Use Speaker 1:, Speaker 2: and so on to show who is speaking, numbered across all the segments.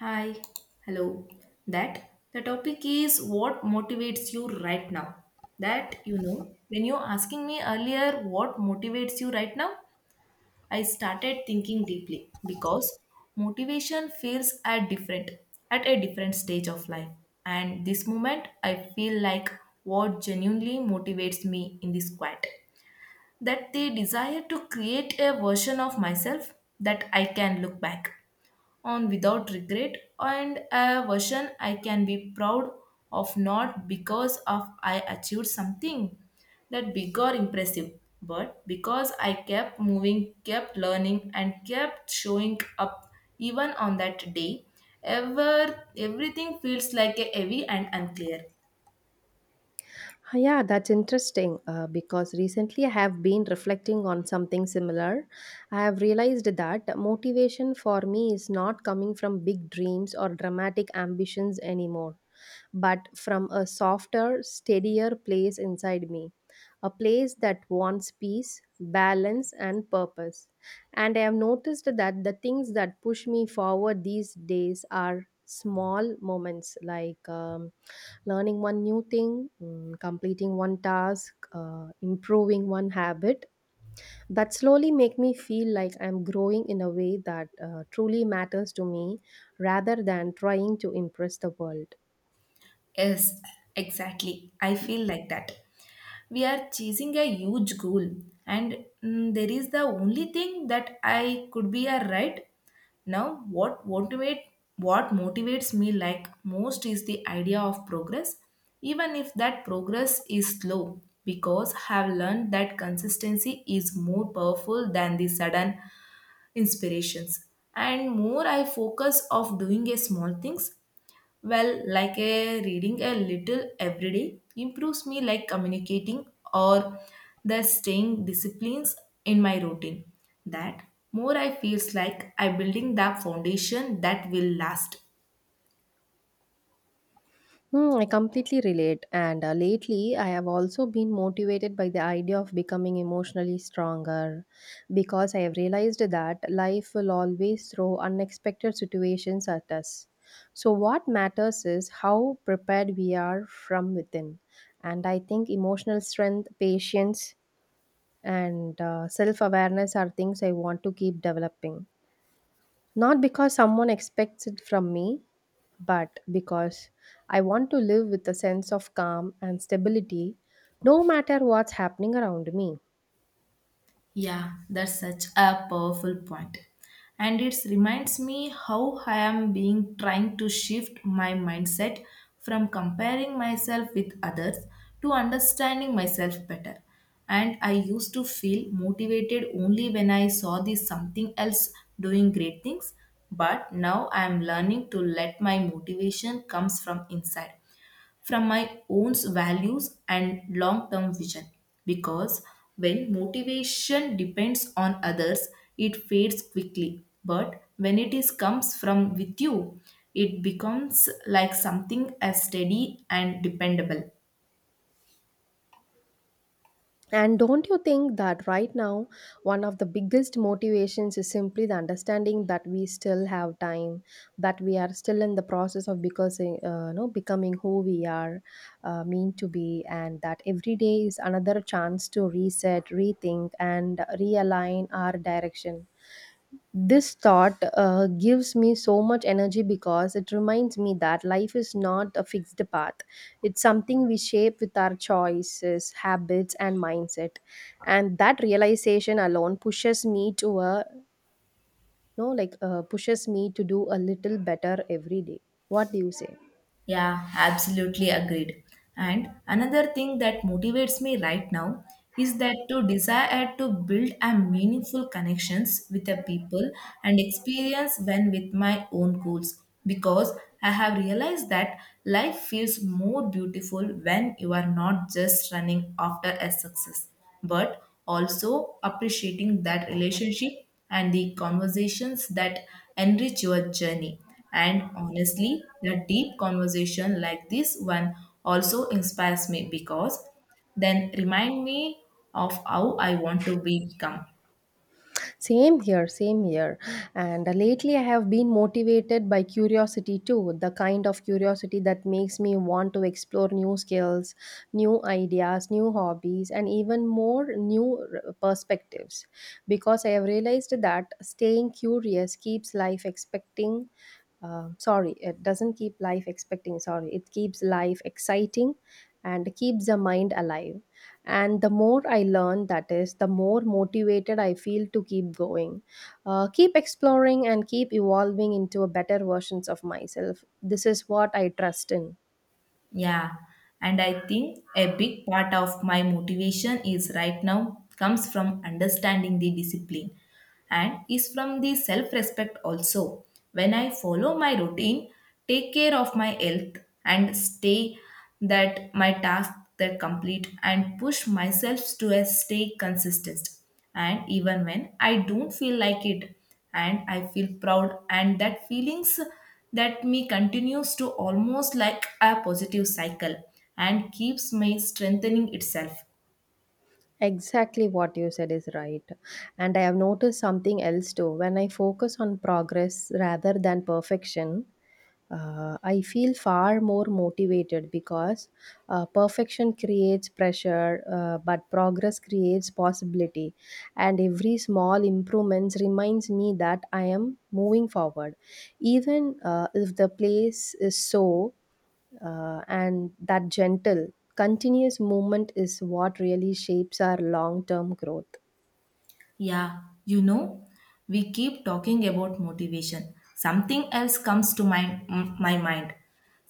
Speaker 1: Hi, hello. That the topic is what motivates you right now. When you're asking me earlier what motivates you right now, I started thinking deeply because motivation feels at a different stage of life. And this moment I feel like what genuinely motivates me in this quiet that they desire to create a version of myself that I can look back on without regret, and a version I can be proud of, not because of I achieved something that big or impressive, but because I kept moving, kept learning, and kept showing up even on that day everything feels like a heavy and unclear.
Speaker 2: Huh, yeah, that's interesting, because recently I have been reflecting on something similar. I have realized that motivation for me is not coming from big dreams or dramatic ambitions anymore, but from a softer, steadier place inside me, a place that wants peace, balance, and purpose. And I have noticed that the things that push me forward these days are small moments like, learning one new thing, completing one task, improving one habit that slowly make me feel like I'm growing in a way that truly matters to me rather than trying to impress the world.
Speaker 1: Yes, exactly. I feel like that. We are chasing a huge goal, and mm, there is the only thing that I could be a right. Now, what motivates me like most is the idea of progress, even if that progress is slow, because I have learned that consistency is more powerful than the sudden inspirations. And more I focus of doing a small things well, like a reading a little every day improves me like communicating or the staying disciplines in my routine. That more I feels like I building the foundation that will last.
Speaker 2: I completely relate, and lately I have also been motivated by the idea of becoming emotionally stronger because I have realized that life will always throw unexpected situations at us. So, what matters is how prepared we are from within, and I think emotional strength, patience, and self awareness are things I want to keep developing. Not because someone expects it from me, but because I want to live with a sense of calm and stability no matter what's happening around me.
Speaker 1: Yeah, that's such a powerful point. And it reminds me how I am being trying to shift my mindset from comparing myself with others to understanding myself better. And I used to feel motivated only when I saw this something else doing great things, but now I am learning to let my motivation comes from inside, from my own values and long term vision. Because when motivation depends on others, it fades quickly. But when it is comes from with you, it becomes like something as steady and dependable.
Speaker 2: And don't you think that right now, one of the biggest motivations is simply the understanding that we still have time, that we are still in the process of because, becoming who we are mean to be, and that every day is another chance to reset, rethink, and realign our direction. This thought gives me so much energy because it reminds me that life is not a fixed path. It's something we shape with our choices, habits, and mindset. And that realization alone pushes me to a no, like pushes me to do a little better every day. What do you say?
Speaker 1: Yeah, absolutely agreed. And another thing that motivates me right now is that to desire to build a meaningful connections with the people and experience when with my own goals, because I have realized that life feels more beautiful when you are not just running after a success, but also appreciating that relationship and the conversations that enrich your journey. And honestly, the deep conversation like this one also inspires me because then remind me of how I want to become.
Speaker 2: Same here, same here. And lately, I have been motivated by curiosity too, the kind of curiosity that makes me want to explore new skills, new ideas, new hobbies, and even more perspectives. Because I have realized that staying curious keeps life expecting sorry, it doesn't keep life expecting, sorry, it keeps life exciting and keeps the mind alive. And the more I learn, that is, the more motivated I feel to keep going, keep exploring, and keep evolving into a better versions of myself. This is what I trust in.
Speaker 1: Yeah, and I think a big part of my motivation is right now comes from understanding the discipline and is from the self respect also. When I follow my routine, take care of my health, and stay that my tasks that complete and push myself to a stay consistent and even when I don't feel like it, and I feel proud and that feelings that me continues to almost like a positive cycle and keeps me strengthening itself.
Speaker 2: Exactly what you said is right. And I have noticed something else too. When I focus on progress rather than perfection, I feel far more motivated because perfection creates pressure, but progress creates possibility. And every small improvements reminds me that I am moving forward, even if the place is so. And that gentle, continuous movement is what really shapes our long term growth.
Speaker 1: Yeah, you know, we keep talking about motivation. Something else comes to my mind.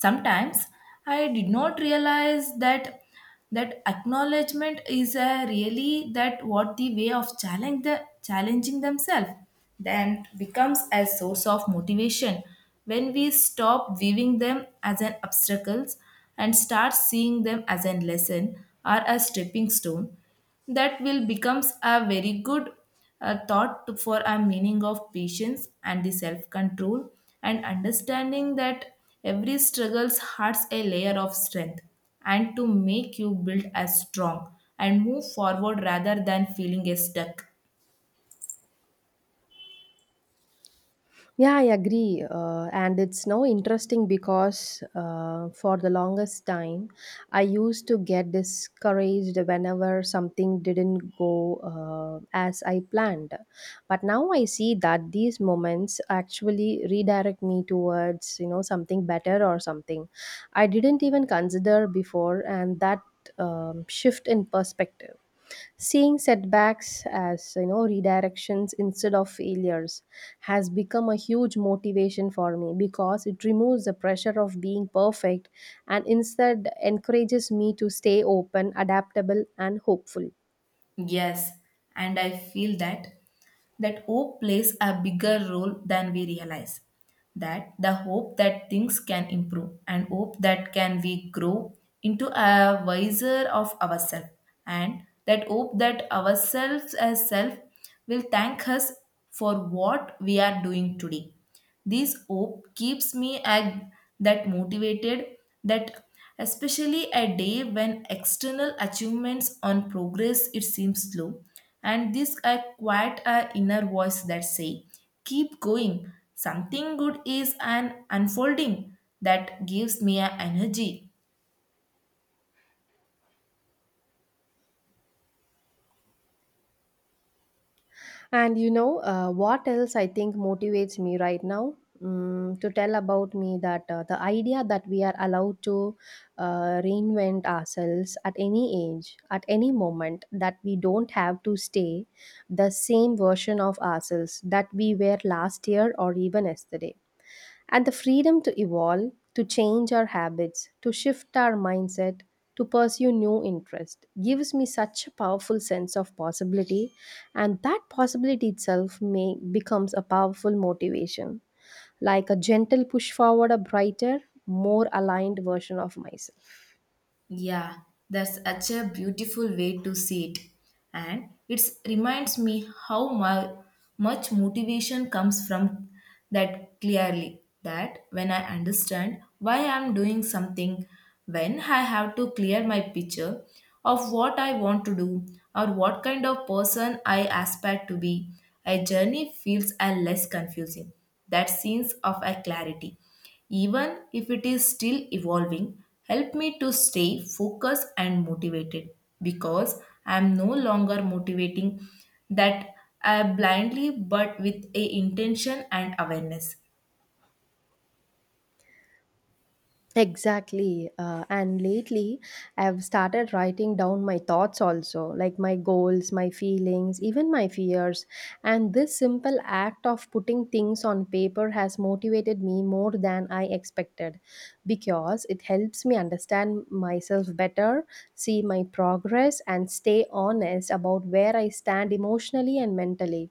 Speaker 1: Sometimes I did not realize that that acknowledgement is a really that what the way of challenge the challenging themselves then becomes a source of motivation when we stop viewing them as an obstacles and start seeing them as a lesson or a stepping stone that will becomes a very good thought for a meaning of patience and the self control, and understanding that every struggles hides a layer of strength and to make you build as strong and move forward rather than feeling a stuck.
Speaker 2: Yeah, I agree. And it's now interesting because for the longest time, I used to get discouraged whenever something didn't go as I planned. But now I see that these moments actually redirect me towards, you know, something better or something I didn't even consider before, and that shift in perspective. Seeing setbacks as you know redirections instead of failures has become a huge motivation for me because it removes the pressure of being perfect and instead encourages me to stay open, adaptable and hopeful.
Speaker 1: Yes, and I feel that that hope plays a bigger role than we realize. That the hope that things can improve and hope that can we grow into a wiser of ourselves and that hope that ourselves as self will thank us for what we are doing today. This hope keeps me ag that motivated, that especially a day when external achievements on progress it seems slow, and this I quiet a inner voice that say keep going, something good is an unfolding that gives me a energy.
Speaker 2: And you know, what else I think motivates me right now? To tell about me that the idea that we are allowed to reinvent ourselves at any age, at any moment, that we don't have to stay the same version of ourselves that we were last year or even yesterday. And the freedom to evolve, to change our habits, to shift our mindset, to pursue new interest gives me such a powerful sense of possibility, and that possibility itself may becomes a powerful motivation, like a gentle push forward a brighter, more aligned version of myself.
Speaker 1: Yeah, that's such a beautiful way to see it. And it reminds me much motivation comes from that clearly. That when I understand why I'm doing something, when I have to clear my picture of what I want to do or what kind of person I aspire to be, a journey feels a less confusing. That sense of a clarity. Even if it is still evolving, help me to stay focused and motivated because I am no longer motivating that I blindly, but with a intention and awareness.
Speaker 2: Exactly. And lately, I've started writing down my thoughts also, like my goals, my feelings, even my fears. And this simple act of putting things on paper has motivated me more than I expected because it helps me understand myself better, see my progress, and stay honest about where I stand emotionally and mentally.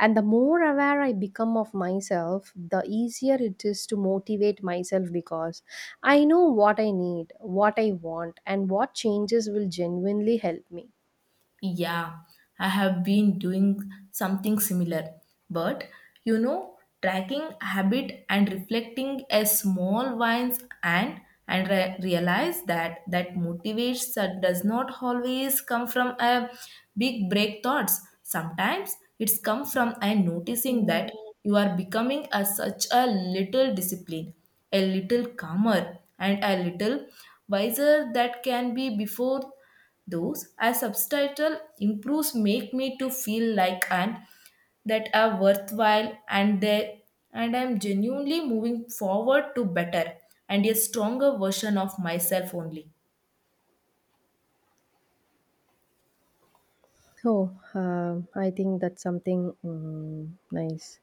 Speaker 2: And the more aware I become of myself, the easier it is to motivate myself because I know what I need, what I want, and what changes will genuinely help me.
Speaker 1: Yeah, I have been doing something similar. But you know, tracking habit and reflecting a small wins, and realize that that motivates that does not always come from a big break thoughts. Sometimes it's come from a noticing that you are becoming a such a little discipline, a little calmer, and a little wiser that can be before those as subtitle improves make me to feel like an that are worthwhile and they, and I am genuinely moving forward to better and a stronger version of myself only.
Speaker 2: Oh, I think that's something nice.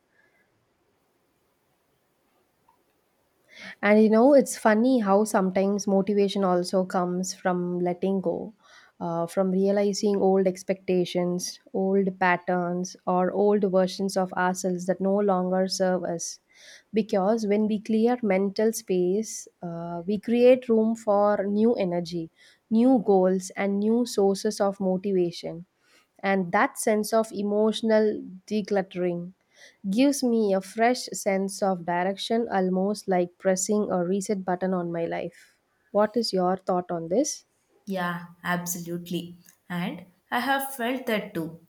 Speaker 2: And you know, it's funny how sometimes motivation also comes from letting go, from realizing old expectations, old patterns, or old versions of ourselves that no longer serve us. Because when we clear mental space, we create room for new energy, new goals, and new sources of motivation. And that sense of emotional decluttering gives me a fresh sense of direction, almost like pressing a reset button on my life. What is your thought on this?
Speaker 1: Yeah, absolutely. And I have felt that too.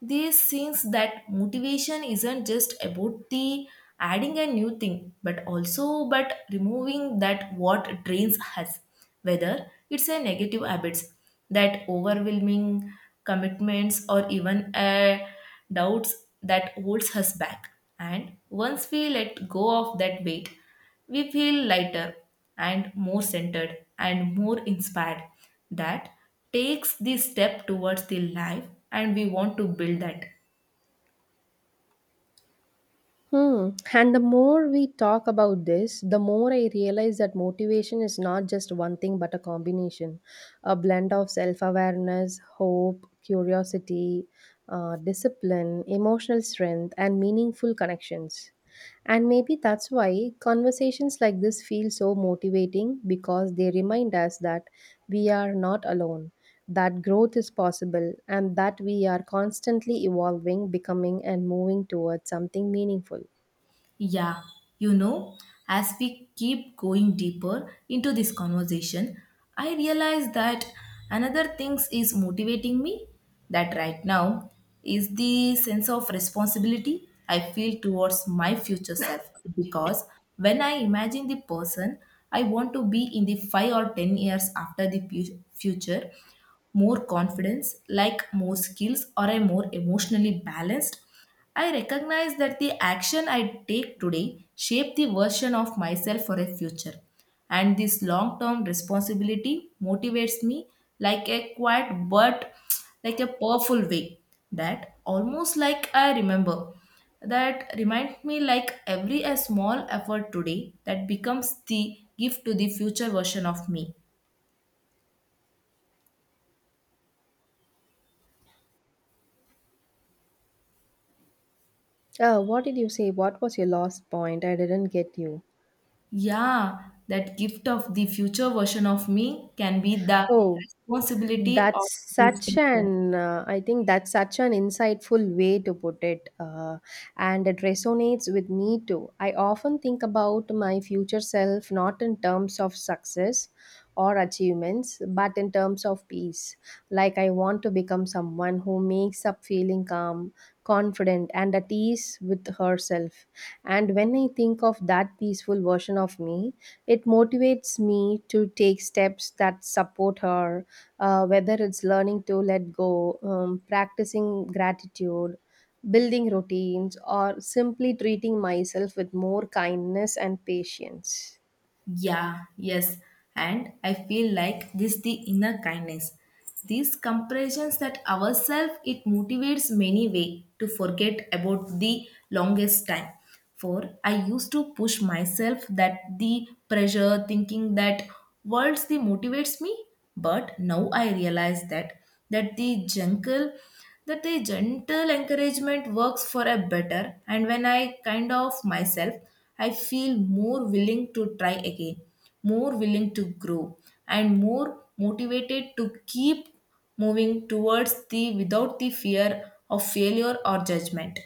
Speaker 1: This seems that motivation isn't just about the adding a new thing, but also but removing that what drains us, whether it's a negative habits, that overwhelming commitments, or even a doubts that holds us back. And once we let go of that weight, we feel lighter and more centered and more inspired, that takes the step towards the life and we want to build that.
Speaker 2: Hmm. And the more we talk about this, the more I realize that motivation is not just one thing but a combination, a blend of self awareness, hope, curiosity, discipline, emotional strength, and meaningful connections. And maybe that's why conversations like this feel so motivating because they remind us that we are not alone, that growth is possible, and that we are constantly evolving, becoming, and moving towards something meaningful.
Speaker 1: Yeah, you know, as we keep going deeper into this conversation, I realize that another things is motivating me that right now is the sense of responsibility I feel towards my future self, because when I imagine the person I want to be in the 5 or 10 years after the future, more confidence, like more skills, or a more emotionally balanced. I recognize that the action I take today shape the version of myself for a future. And this long term responsibility motivates me like a quiet but like a powerful way, that almost like I remember that reminds me like every a small effort today that becomes the gift to the future version of me.
Speaker 2: What did you say? What was your last point? I didn't get you.
Speaker 1: Yeah, that gift of the future version of me can be the
Speaker 2: Oh,
Speaker 1: responsibility
Speaker 2: that's
Speaker 1: of this
Speaker 2: such
Speaker 1: teacher.
Speaker 2: an, I think that's such an insightful way to put it. And it resonates with me too. I often think about my future self not in terms of success or achievements, but in terms of peace. Like I want to become someone who makes up feeling calm, confident, and at ease with herself. And when I think of that peaceful version of me, it motivates me to take steps that support her, whether it's learning to let go, practicing gratitude, building routines, or simply treating myself with more kindness and patience.
Speaker 1: Yeah, yes. And I feel like this the inner kindness. These comparisons that ourselves it motivates many way to forget about the longest time. For I used to push myself that the pressure thinking that words the motivates me, but now I realize that that the jungle, that the gentle encouragement works for a better, and when I kind of myself, I feel more willing to try again, more willing to grow, and more motivated to keep moving towards the without the fear of failure or judgment.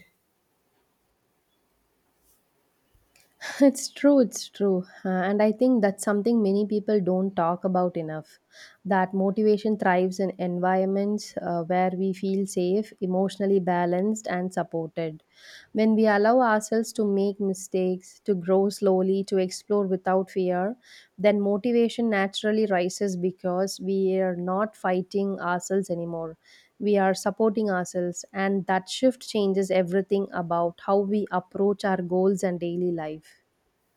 Speaker 2: It's true, it's true. And I think that's something many people don't talk about enough. That motivation thrives in environments where we feel safe, emotionally balanced, and supported. When we allow ourselves to make mistakes, to grow slowly, to explore without fear, then motivation naturally rises because we are not fighting ourselves anymore. We are supporting ourselves, and that shift changes everything about how we approach our goals and daily life.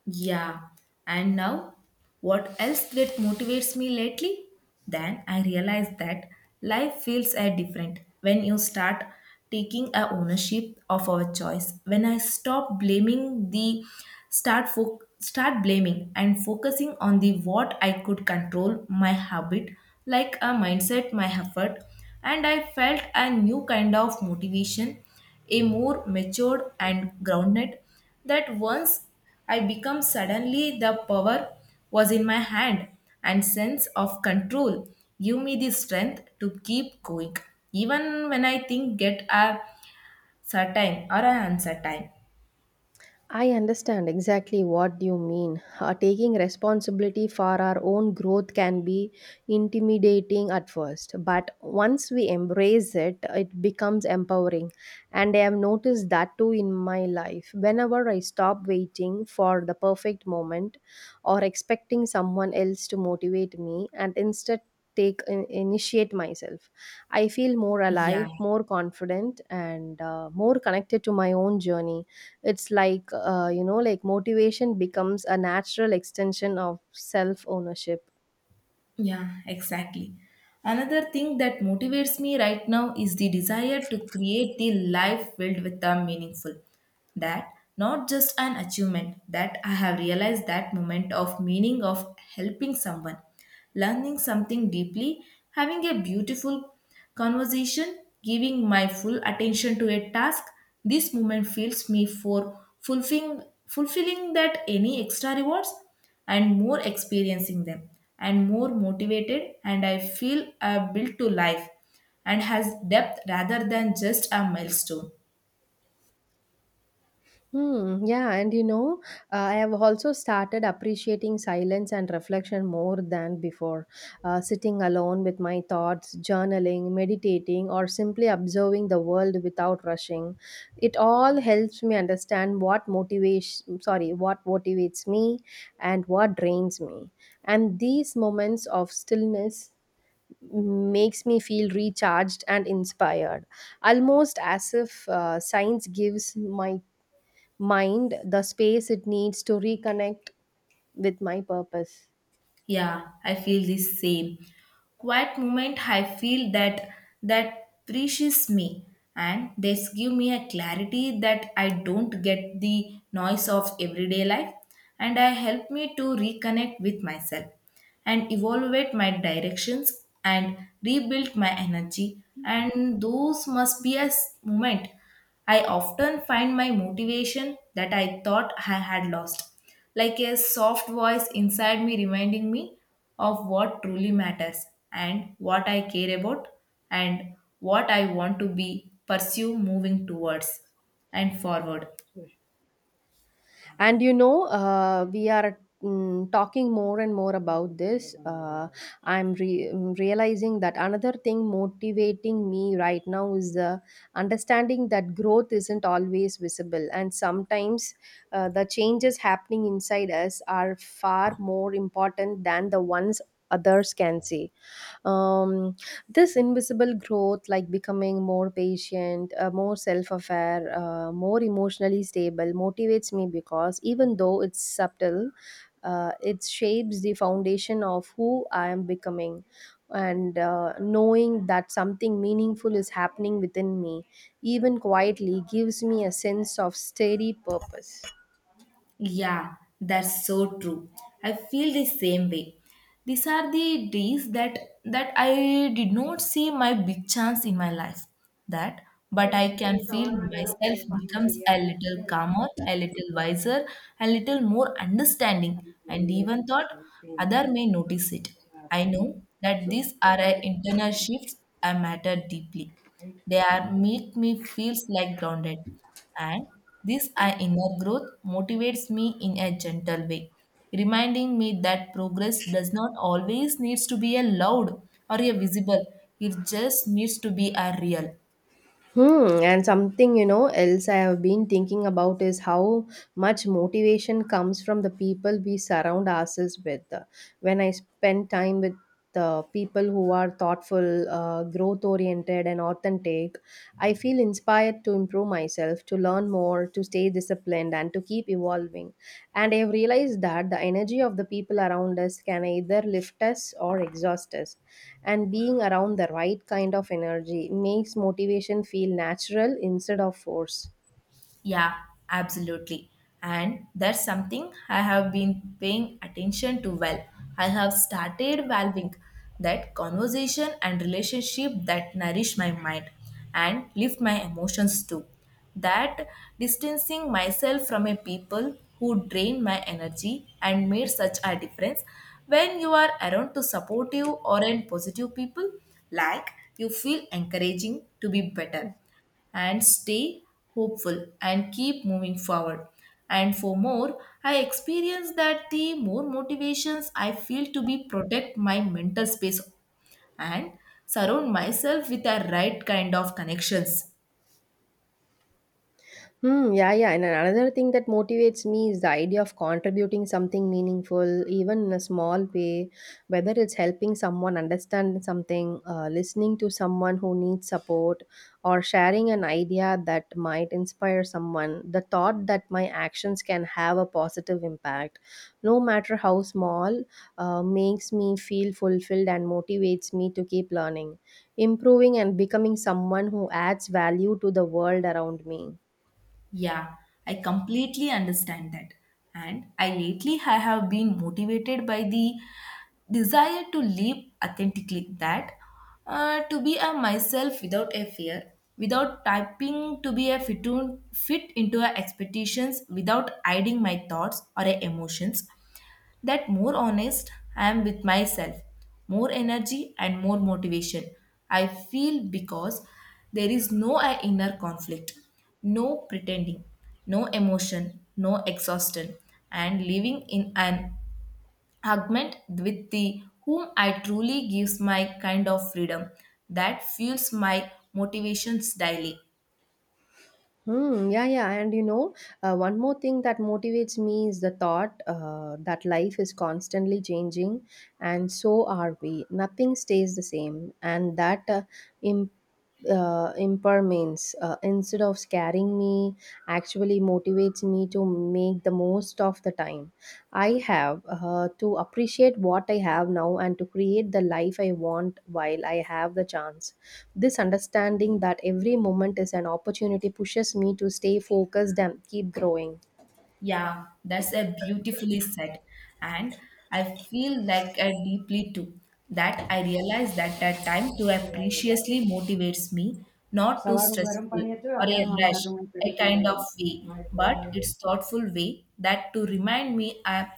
Speaker 1: Yeah, and now what else that motivates me lately? Then I realize that life feels different when you start taking a ownership of our choice. When I stop blaming the start blaming and focusing on the what I could control, my habit, like a mindset, my effort, and I felt a new kind of motivation, a more matured and grounded, that once I become suddenly the power was in my hand, and sense of control give me the strength to keep going even when I think get a certain or an uncertain.
Speaker 2: I understand exactly what you mean. Taking responsibility for our own growth can be intimidating at first, but once we embrace it, it becomes empowering. And I have noticed that too in my life. Whenever I stop waiting for the perfect moment or expecting someone else to motivate me and instead initiate myself, I feel more
Speaker 1: Yeah.
Speaker 2: alive, more confident, and more connected to my own journey. It's like, like motivation becomes a natural extension of self ownership.
Speaker 1: Yeah, exactly. Another thing that motivates me right now is the desire to create the life filled with a meaningful. That not just an achievement, that I have realized that moment of meaning of helping someone, learning something deeply, having a beautiful conversation, giving my full attention to a task, this moment fills me for fulfilling, fulfilling that any extra rewards, and more experiencing them and more motivated, and I feel built to life and has depth rather than just a milestone.
Speaker 2: Yeah, and you know, I have also started appreciating silence and reflection more than before. Sitting alone with my thoughts, journaling, meditating, or simply observing the world without rushing, it all helps me understand what motivates me and what drains me. And these moments of stillness makes me feel recharged and inspired, almost as if science gives my mind the space it needs to reconnect with my purpose.
Speaker 1: Yeah, I feel the same. Quiet moment, I feel that that preaches me and they give me a clarity that I don't get the noise of everyday life, and I help me to reconnect with myself and evaluate my directions and rebuild my energy, and those must be a moment I often find my motivation that I thought I had lost, like a soft voice inside me reminding me of what truly matters and what I care about and what I want to be pursue moving towards and forward.
Speaker 2: And you know, we are talking more and more about this. Realizing that another thing motivating me right now is the understanding that growth isn't always visible, and sometimes the changes happening inside us are far more important than the ones others can see. um, this invisible growth, like becoming more patient, more self-aware, more emotionally stable, motivates me because even though it's subtle, it shapes the foundation of who I am becoming. And knowing that something meaningful is happening within me, even quietly, gives me a sense of steady purpose.
Speaker 1: Yeah, that's so true. I feel the same way. These are the days that that I did not see my big chance in my life. That, but I can feel myself becomes a little calmer, a little wiser, a little more understanding, and even thought other may notice it. I know that these are a internal shifts I matter deeply. They are make me feels like grounded. And this I inner growth motivates me in a gentle way, reminding me that progress does not always needs to be a loud or a visible. It just needs to be a real.
Speaker 2: Hmm, and something you know else I have been thinking about is how much motivation comes from the people we surround ourselves with. When I spend time with the people who are thoughtful, growth oriented, and authentic, I feel inspired needed to improve myself, to learn more, to stay disciplined, and to keep evolving. And I have realized that the energy of the people around us can either lift us or exhaust us. And being around the right kind of energy makes motivation feel natural instead of force.
Speaker 1: Yeah, absolutely. And that's something I have been paying attention to well. I have started valuing that conversation and relationship that nourish my mind and lift my emotions too. That distancing myself from a people who drain my energy and made such a difference when you are around to supportive or in positive people like you feel encouraging to be better and stay hopeful and keep moving forward. And for more, I experience that the more motivations I feel to be protect my mental space and surround myself with the right kind of connections.
Speaker 2: Hmm, yeah, yeah. And another thing that motivates me is the idea of contributing something meaningful, even in a small way, whether it's helping someone understand something, listening to someone who needs support, or sharing an idea that might inspire someone. The thought that my actions can have a positive impact, no matter how small, makes me feel fulfilled and motivates me to keep learning, improving, and becoming someone who adds value to the world around me.
Speaker 1: Yeah, I completely understand that. And I lately I have been motivated by the desire to live authentically that to be a myself without a fear, without typing to be a fit, to, fit into a expectations, without hiding my thoughts or a emotions, that more honest I am with myself, more energy and more motivation I feel because there is no inner conflict, no pretending, no emotion, no exhaustion, and living in an argument with the whom I truly gives my kind of freedom that fuels my motivations daily.
Speaker 2: Hmm. Yeah, yeah. And you know, one more thing that motivates me is the thought that life is constantly changing, and so are we. Nothing stays the same, and that imp- impermanence, instead of scaring me, actually motivates me to make the most of the time I have, to appreciate what I have now and to create the life I want while I have the chance. This understanding that every moment is an opportunity pushes me to stay focused and keep growing.
Speaker 1: Yeah, that's a beautifully said. And I feel like I deeply too that I realize that that time to have motivates me, not too stressful or a rush, a kind of way, but it's thoughtful way that to remind me I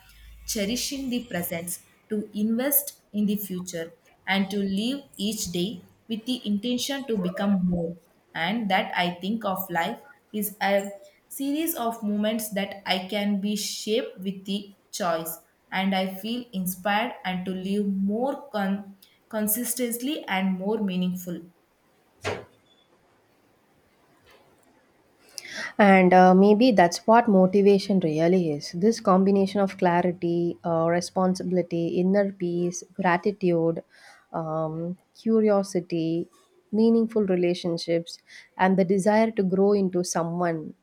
Speaker 1: cherishing the present, to invest in the future, and to live each day with the intention to become more. And that I think of life is a series of moments that I can be shaped with the choice, and I feel inspired and to live more consistently and more meaningful.
Speaker 2: And maybe that's what motivation really is, this combination of clarity, responsibility, inner peace, gratitude, curiosity, meaningful relationships, and the desire to grow into someone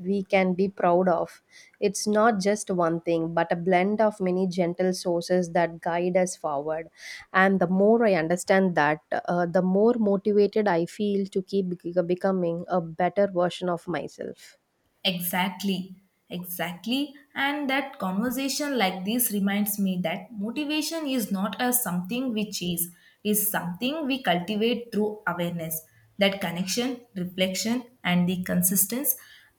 Speaker 2: we can be proud of. It's not just one thing, but a blend of many gentle sources that guide us forward. And the more I understand that, the more motivated I feel to keep becoming a better version of myself.
Speaker 1: Exactly, exactly. And that conversation like this reminds me that motivation is not a something we chase, is something we cultivate through awareness, that connection, reflection, and the consistent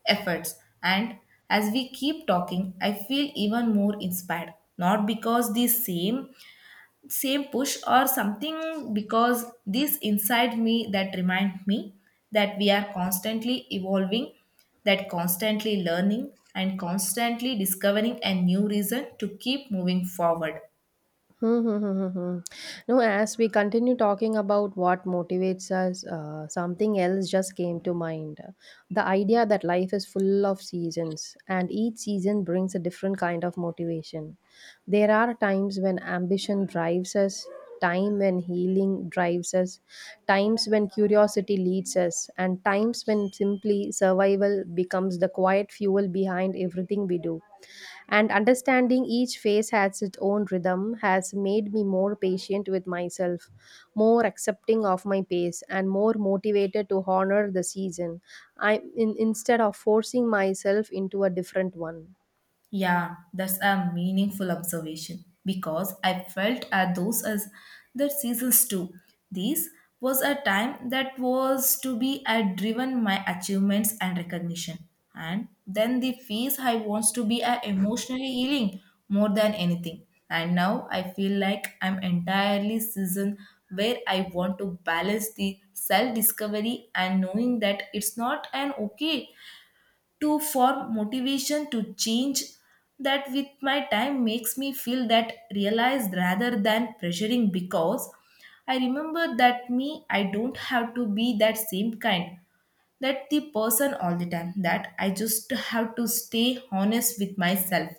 Speaker 1: efforts. And as we keep talking, I feel even more inspired, not because the same push or something because this inside me that remind me that we are constantly evolving that constantly learning and constantly discovering a new reason to keep moving forward.
Speaker 2: Hmm, hmm, hmm, hmm, hmm. No, as we continue talking about what motivates us, something else just came to mind. The idea that life is full of seasons, and each season brings a different kind of motivation. There are times when ambition drives us, time when healing drives us, times when curiosity leads us, and times when simply survival becomes the quiet fuel behind everything we do. And understanding each phase has its own rhythm has made me more patient with myself, more accepting of my pace, and more motivated to honor the season instead of forcing myself into a different one.
Speaker 1: Yeah, that's a meaningful observation because I felt at those as the seasons too. This was a time that was to be I driven my achievements and recognition. And then the phase I wants to be a emotionally healing more than anything. And now I feel like I'm entirely season where I want to balance the self discovery and knowing that it's not an okay to form motivation to change that with my time makes me feel that realized rather than pressuring because I remember that me I don't have to be that same kind that the person all the time that I just have to stay honest with myself.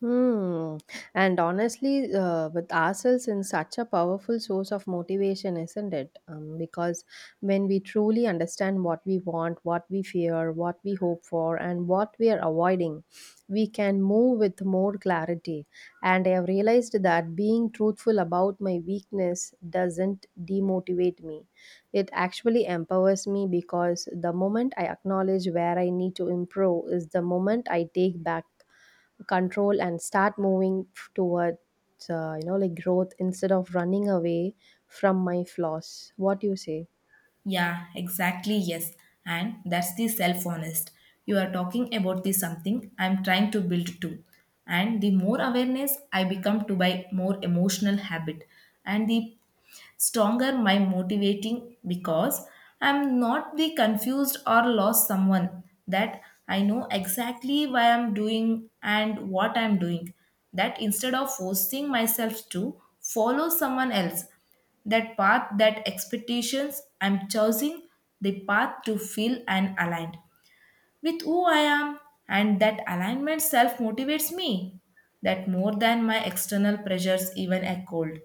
Speaker 2: Hmm. And honestly, with ourselves in such a powerful source of motivation, isn't it? Because when we truly understand what we want, what we fear, what we hope for, and what we are avoiding, we can move with more clarity. And I have realized that being truthful about my weakness doesn't demotivate me. It actually empowers me because the moment I acknowledge where I need to improve is the moment I take back control and start moving towards like growth instead of running away from my flaws. What do you say?
Speaker 1: Yeah, exactly, yes. And that's the self honest you are talking about the something I'm trying to build too. And the more awareness I become to my more emotional habit and the stronger my motivating because I'm not the confused or lost someone that I know exactly why I'm doing and what I'm doing. That instead of forcing myself to follow someone else that path that expectations I'm choosing the path to feel and aligned with who I am, and that alignment self motivates me that more than my external pressures even echoed.